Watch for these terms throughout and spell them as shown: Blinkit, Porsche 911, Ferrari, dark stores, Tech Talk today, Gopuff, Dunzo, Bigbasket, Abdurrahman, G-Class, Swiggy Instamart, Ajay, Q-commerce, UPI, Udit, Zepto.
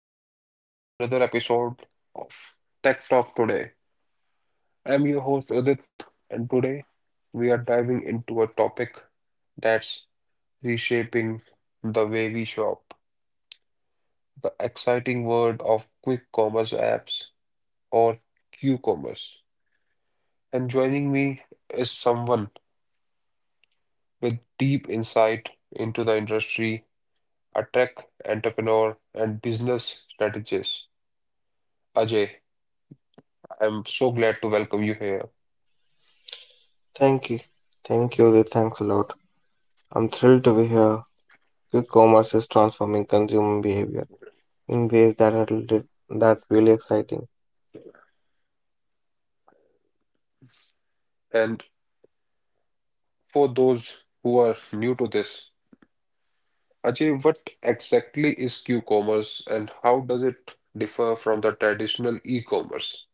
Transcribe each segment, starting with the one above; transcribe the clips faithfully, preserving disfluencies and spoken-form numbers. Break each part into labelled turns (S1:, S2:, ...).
S1: welcome to another episode of Tech Talk today. I'm your host Udit and today we are diving into a topic that's reshaping the way we shop, the exciting world of quick commerce apps or Q-commerce. And joining me is someone with deep insight into the industry, a tech entrepreneur and business strategist. Ajay, I'm so glad to welcome you here.
S2: Thank you. Thank you. Udit, thanks a lot. I'm thrilled to be here. Quick commerce is transforming consumer behavior in ways that are lit- that's really exciting.
S1: And for those who are new to this, Ajay, what exactly is Q-commerce and how does it differ from the traditional e-commerce?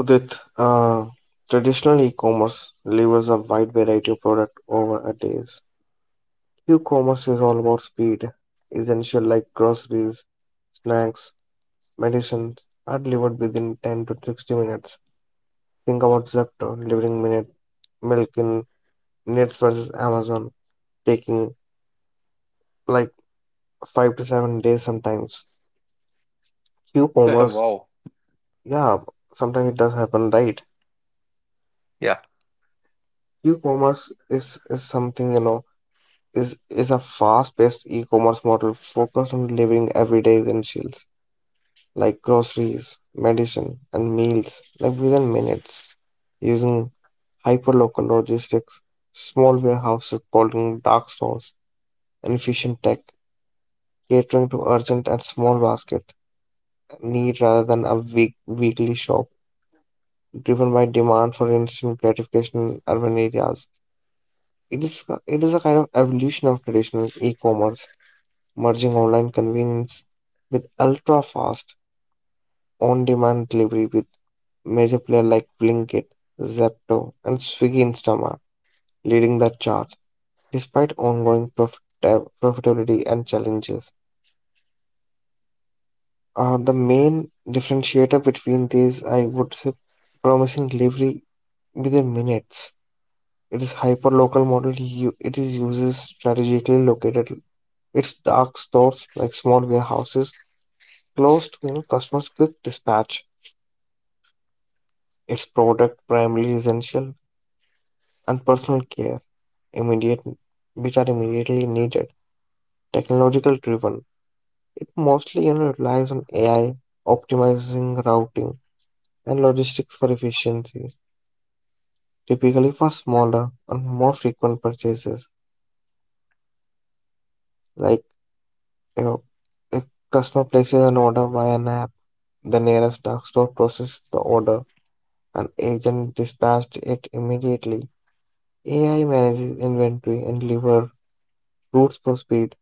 S2: Udit, uh, traditional e-commerce delivers a wide variety of product over a days. Quick commerce is all about speed. Essential like groceries, snacks, medicines are delivered within ten to sixty minutes. Think about Zepto delivering minute milk in minutes versus Amazon taking like five to seven days sometimes. Q-commerce,
S1: Wow.
S2: yeah, sometimes it does happen, right?
S1: Yeah.
S2: Q-commerce is is something, you know, is is a fast-paced e-commerce model focused on delivering everyday essentials like groceries, medicine, and meals like within minutes using hyperlocal logistics, small warehouses holding dark stores, and efficient tech catering to urgent and small basket need rather than a week weekly shop driven by demand for instant gratification in urban areas. It is it is a kind of evolution of traditional e-commerce, merging online convenience with ultra-fast on-demand delivery with major players like Blinkit, Zepto, and Swiggy Instamart leading the charge. Despite ongoing profit- profitability and challenges, uh, the main differentiator between these, I would say, promising delivery within minutes. It is hyperlocal model. u- It is uses strategically located. Its dark stores like small warehouses close to, you know, customers quick dispatch. Its product primarily essential and personal care immediate, which are immediately needed. Technological driven. It mostly, you know, relies on A I optimizing routing and logistics for efficiency. Typically for smaller and more frequent purchases like, you know, a customer places an order via an app. The nearest drugstore processed the order. An agent dispatched it immediately. A I manages inventory and deliver routes for speed.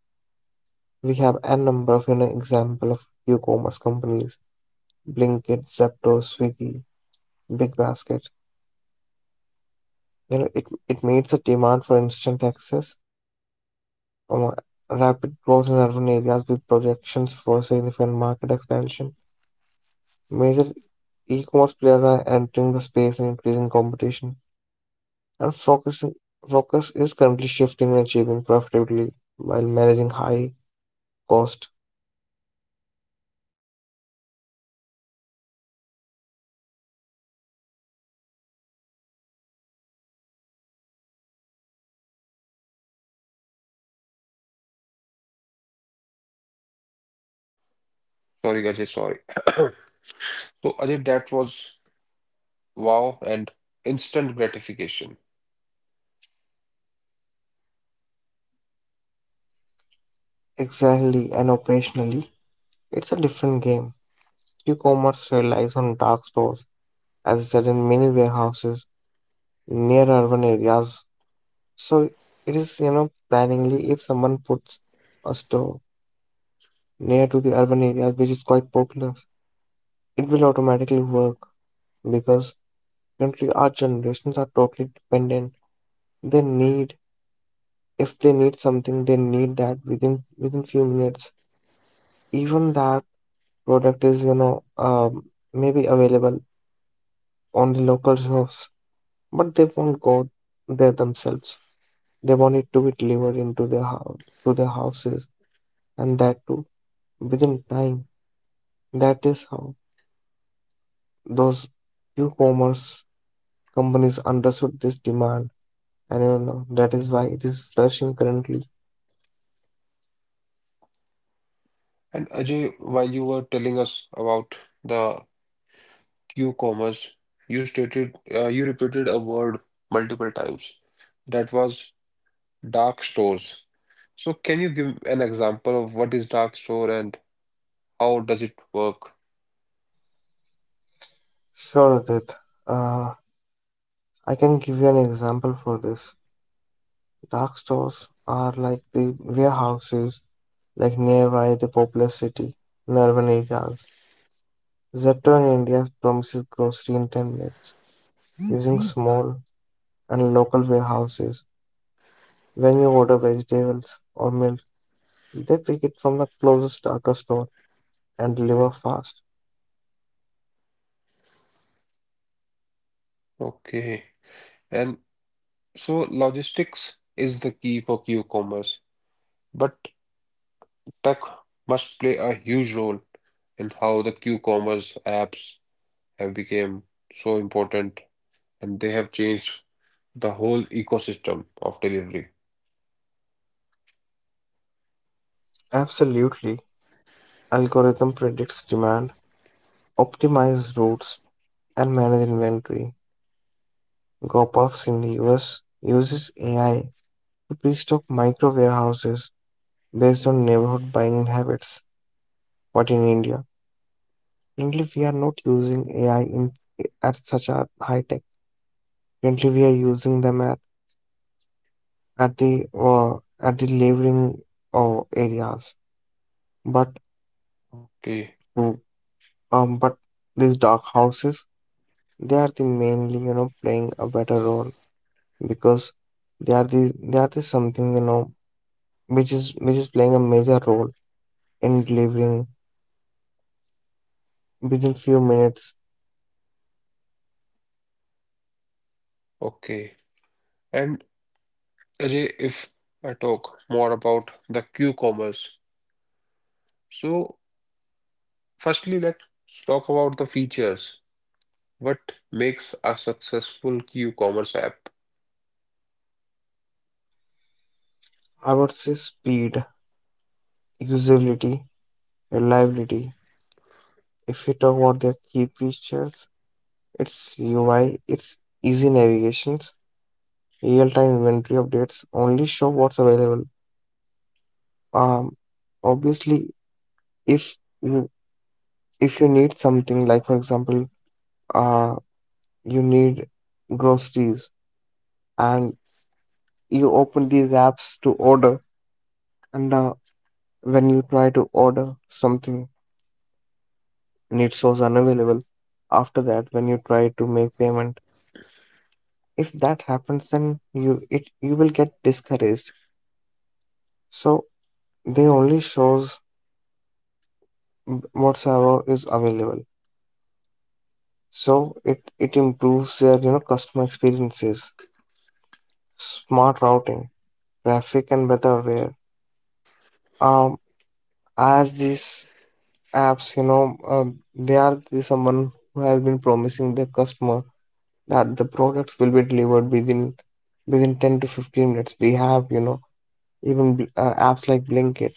S2: We have a number of, you know, example of e-commerce companies, Blinkit, Zepto, Swiggy, Bigbasket. You know, it, it meets the demand for instant access, um, rapid growth in urban areas with projections for significant market expansion. Major e-commerce players are entering the space and increasing competition. Our focus, focus is currently shifting and achieving profitability while managing high cost.
S1: Sorry, Ajay, sorry. So Ajay, that was wow and instant gratification.
S2: Exactly, and operationally. It's a different game. E-commerce relies on dark stores, as I said, in many warehouses near urban areas. So it is, you know, planningly if someone puts a store near to the urban areas, which is quite popular, it will automatically work because currently our generations are totally dependent. They need if they need something they need that within within few minutes even that product is, you know, um, maybe available on the local shops but they won't go there themselves, they want it to be delivered into their house, to their houses, and that too within time. That is how those e-commerce companies understood this demand, and you know that is why it is flourishing currently.
S1: And Ajay, while you were telling us about the Q-commerce, you stated uh, you repeated a word multiple times. That was dark stores. So can you give an example of what is dark store and how does it work?
S2: Sure that I can give you an example for this. Dark stores are like the warehouses like nearby the populous city in urban areas. Zepto in India promises grocery in ten minutes using small and local warehouses. When you order vegetables or milk, they pick it from the closest darker store and deliver fast.
S1: Okay. And so logistics is the key for Q-commerce, but tech must play a huge role in how the Q-commerce apps have become so important and they have changed the whole ecosystem of delivery.
S2: Absolutely. Algorithm predicts demand, optimize routes, and manage inventory. Gopuffs in the U S uses A I to pre-stock micro warehouses based on neighborhood buying habits. But in India, currently we are not using A I in at such a high tech. Currently we are using them at, at the uh, at the laboring uh, areas. But
S1: Okay.
S2: to- um, but these dark houses, they are the mainly, you know, playing a better role because they are the they are the something, you know, which is which is playing a major role in delivering within few minutes.
S1: Okay. And Ajay, if I talk more about the Q-commerce, so firstly, let's talk about the features. What makes a successful e-commerce app?
S2: I would say speed, usability, reliability. If we talk about their key features, it's U I, it's easy navigations, real-time inventory updates, only show what's available. Um, obviously, if you if you need something like, for example, uh, you need groceries and you open these apps to order, and uh, when you try to order something and it shows unavailable, after that, when you try to make payment, if that happens then you it you will get discouraged. So they only shows whatsoever is available, so it it improves their, you know, customer experiences. Smart routing, traffic and weather aware, um, as these apps, you know, um, they are the someone who has been promising their customer that the products will be delivered within within ten to fifteen minutes. We have, you know, even bl- uh, apps like blinkit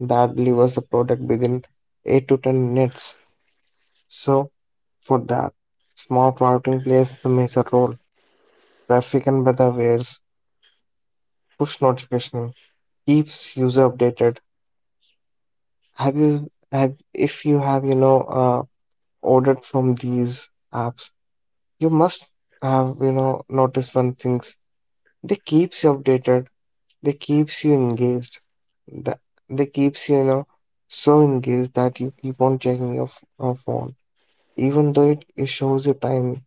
S2: that delivers a product within eight to ten minutes. So, for that, smart routing plays a major role. Traffic and weather awares, push notification keeps user updated. Have you have if you have, you know, uh, ordered from these apps, you must have, you know, noticed one things. They keeps you updated. They keeps you engaged. The, they keeps you, you know, so engaged that you keep on checking your, f- your phone, even though it, it shows you time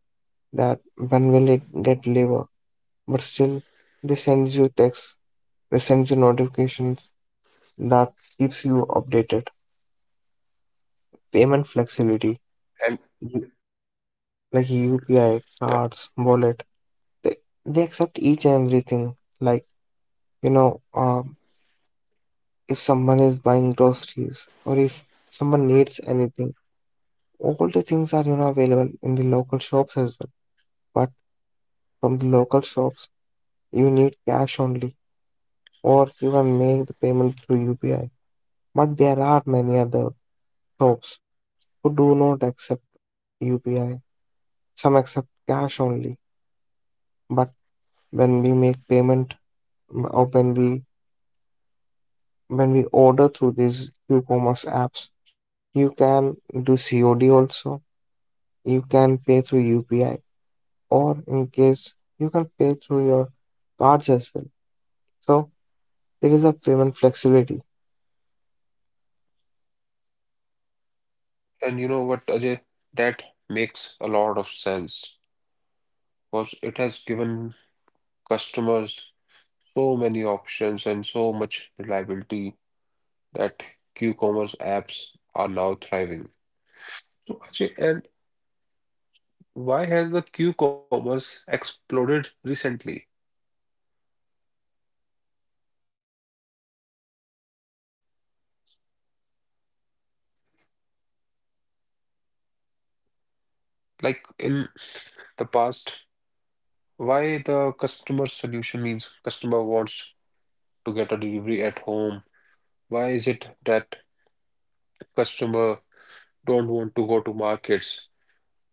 S2: that when will it get labor, but still they send you texts, they send you notifications that keeps you updated. Payment flexibility,
S1: And
S2: you-
S1: yeah,
S2: like UPI, cards, wallet, they, they accept each and everything like, you know, um, if someone is buying groceries or if someone needs anything, all the things are, you know, available in the local shops as well, but from the local shops you need cash only, or you can make the payment through U P I. But there are many other shops who do not accept U P I. Some accept cash only. But when we make payment, or when we when we order through these e-commerce apps, you can do C O D also. You can pay through U P I, or in case you can pay through your cards as well. So there is a payment flexibility.
S1: and you know what, Ajay, that makes a lot of sense because it has given customers so many options and so much reliability that e commerce apps are now thriving. So, Ajay, and why has the e commerce exploded recently? Like in the past, why the customer solution means customer wants to get a delivery at home? Why is it that customer don't want to go to markets?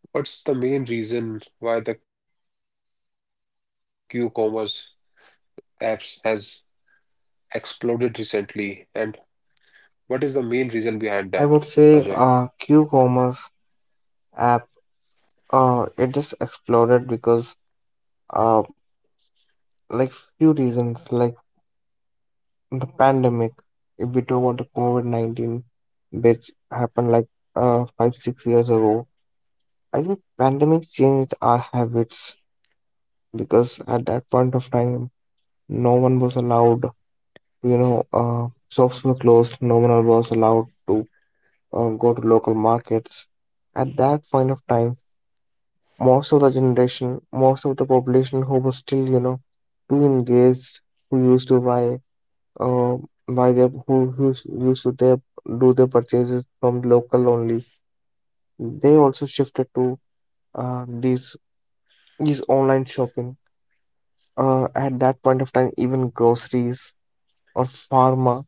S1: What's the main reason why the Q-commerce apps has exploded recently, and what is the main reason behind that, Ajay?
S2: I would say uh, commerce app uh it just exploded because uh, like few reasons, like the pandemic. If we talk about the covid nineteen, which happened like uh, five six years ago, I think pandemic changed our habits because at that point of time no one was allowed, you know, uh shops were closed, no one was allowed to uh, go to local markets. At that point of time, most of the generation, most of the population who was still, you know, too engaged, who used to buy, uh, buy their, who, who s- used to their, do their purchases from local only. They also shifted to uh, these these online shopping. Uh, at that point of time, even groceries or pharma,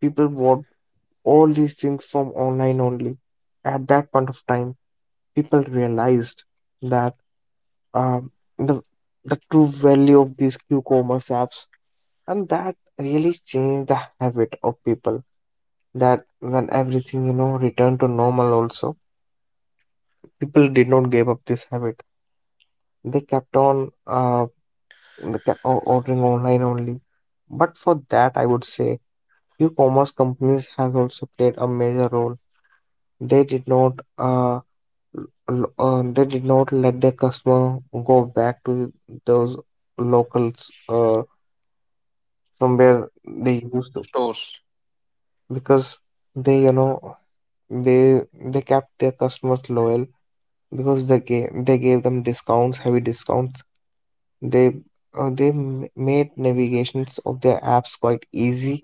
S2: people bought all these things from online only. At that point of time, people realized that, um, the the true value of these q-commerce apps, and that really changed the habit of people, that when everything, you know, returned to normal also, people did not give up this habit. They kept on uh they kept o- ordering online only. But for that I would say e-commerce companies have also played a major role. They did not uh, l- uh they did not let their customer go back to those locals, uh, from where they used to.
S1: Sure.
S2: Because they, you know, they they kept their customers loyal because they gave, they gave them discounts, heavy discounts. They uh, they m- made navigations of their apps quite easy.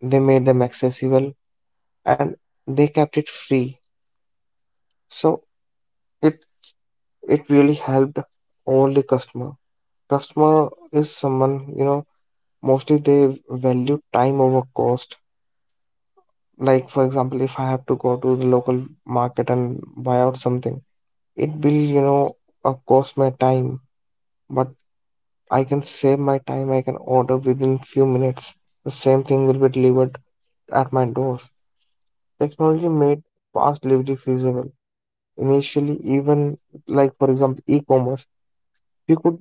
S2: They made them accessible and they kept it free. So it it really helped all the customer. Customer is someone, you know, mostly they value time over cost. Like for example, if I have to go to the local market and buy out something, it will, you know, of course my time, but I can save my time, I can order within few minutes, the same thing will be delivered at my doors. Technology made fast delivery feasible. Initially even like, for example, e-commerce, we could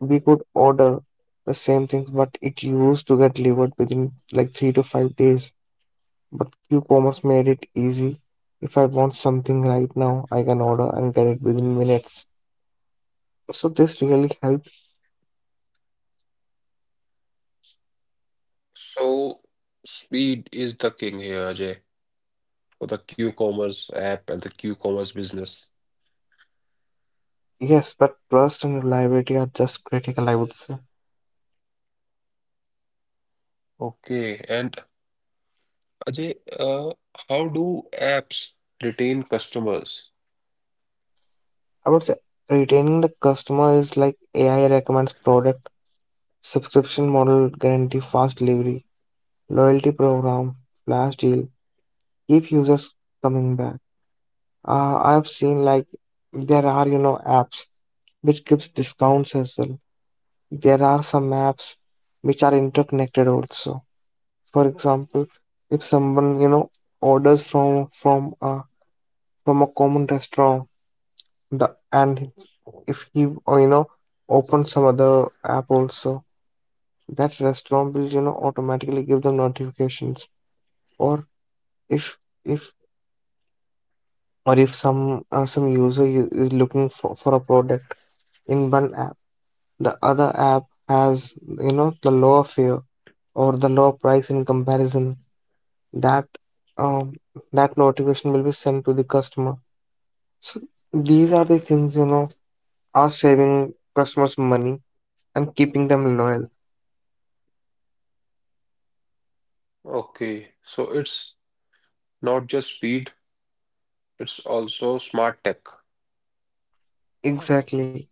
S2: we could order the same things but it used to get delivered within like three to five days. But Q-commerce made it easy. If I want something right now, I can order and get it within minutes. So this really helped.
S1: So speed is the king here, Ajay, for the Q-commerce app and the Q-commerce business.
S2: Yes, but trust and reliability are just critical, I would say.
S1: Okay, and Ajay, uh, how do apps retain customers?
S2: I would say retaining the customer is like A I recommends product, subscription model guarantee fast delivery, loyalty program, flash deal, keep users coming back. Uh, I have seen like there are, you know, apps which gives discounts as well. There are some apps which are interconnected also. For example, if someone, you know, orders from from a from a common restaurant, the and if he, or, you know, opens some other app also, that restaurant will, you know, automatically give them notifications. Or if if or if some uh, some user u- is looking for, for a product in one app, the other app has, you know, the lower fare or the lower price in comparison, that, um, that notification will be sent to the customer. So these are the things, you know, are saving customers money and keeping them loyal.
S1: Okay, so it's not just speed, it's also smart tech.
S2: Exactly.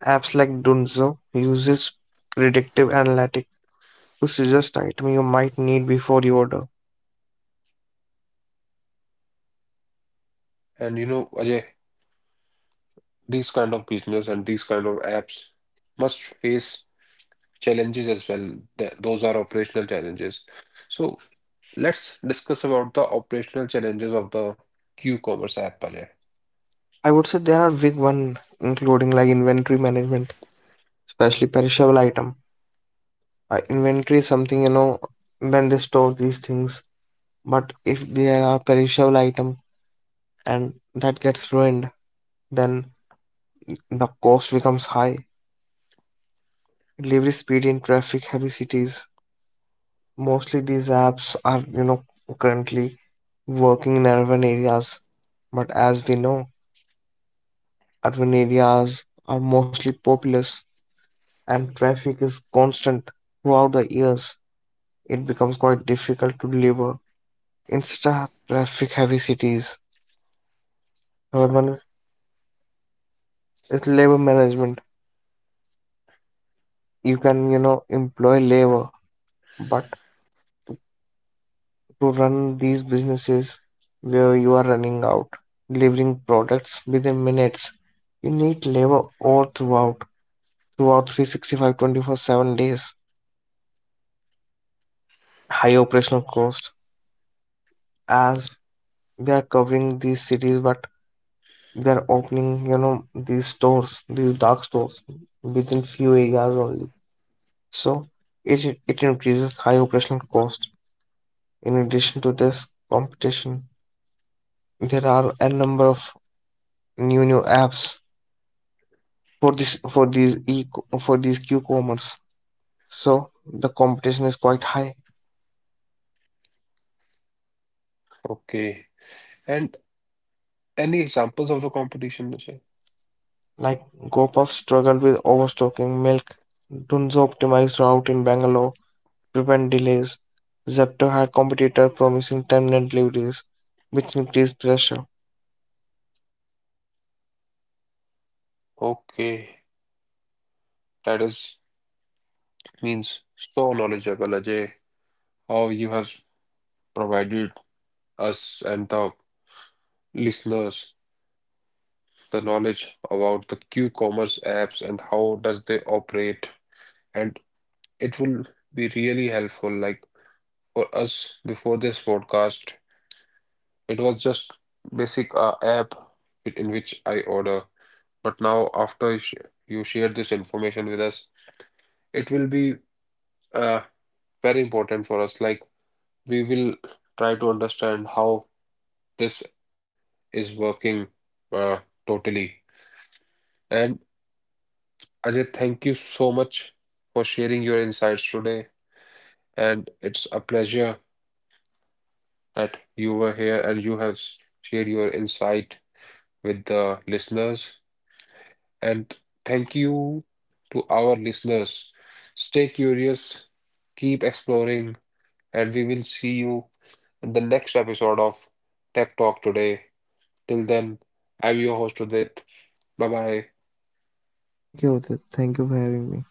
S2: Apps like Dunzo uses predictive analytics to suggest item you might need before you order.
S1: And you know, Ajay, these kind of business and these kind of apps must face challenges as well. Th- Those are operational challenges. So let's discuss about the operational challenges of the Q-commerce app, Ajay.
S2: I would say there are big one, including like inventory management, especially perishable item. Uh, inventory is something, you know, when they store these things, but if there are perishable item and that gets ruined, then the cost becomes high. Delivery speed in traffic heavy cities. Mostly these apps are, you know, currently working in urban areas. But as we know, urban areas are mostly populous and traffic is constant throughout the years. It becomes quite difficult to deliver in such a traffic heavy cities. Third one is, labor management. You can, you know, employ labor, but to run these businesses where you are running out, delivering products within minutes. You need labor all throughout, throughout three sixty-five, twenty-four seven days. High operational cost as they are covering these cities, but they are opening, you know, these stores, these dark stores within few areas only. So it, it increases high operational cost. In addition to this competition, there are a number of new new apps for this for these e for these cucumbers, so the competition is quite high.
S1: Okay. And any examples of the competition, Ajay?
S2: Like Gopuff struggled with overstocking milk. Dunzo optimized route in Bangalore to prevent delays. Zepto had competitor promising ten minute deliveries, which increased pressure.
S1: Okay. That is means so knowledgeable, Ajay. How you have provided us and the listeners the knowledge about the Q-commerce apps and how does they operate, and it will be really helpful, like for us before this podcast it was just basic uh, app in which I order, but now after you you share this information with us, it will be uh, very important for us, like we will try to understand how this is working uh, totally. And Ajay, thank you so much for sharing your insights today. And it's a pleasure that you were here and you have shared your insight with the listeners. And thank you to our listeners. Stay curious, keep exploring, and we will see you in the next episode of Tech Talk today. Till then, I'm your host, Udit. Bye bye.
S2: Thank you, Udit. Thank you for having me.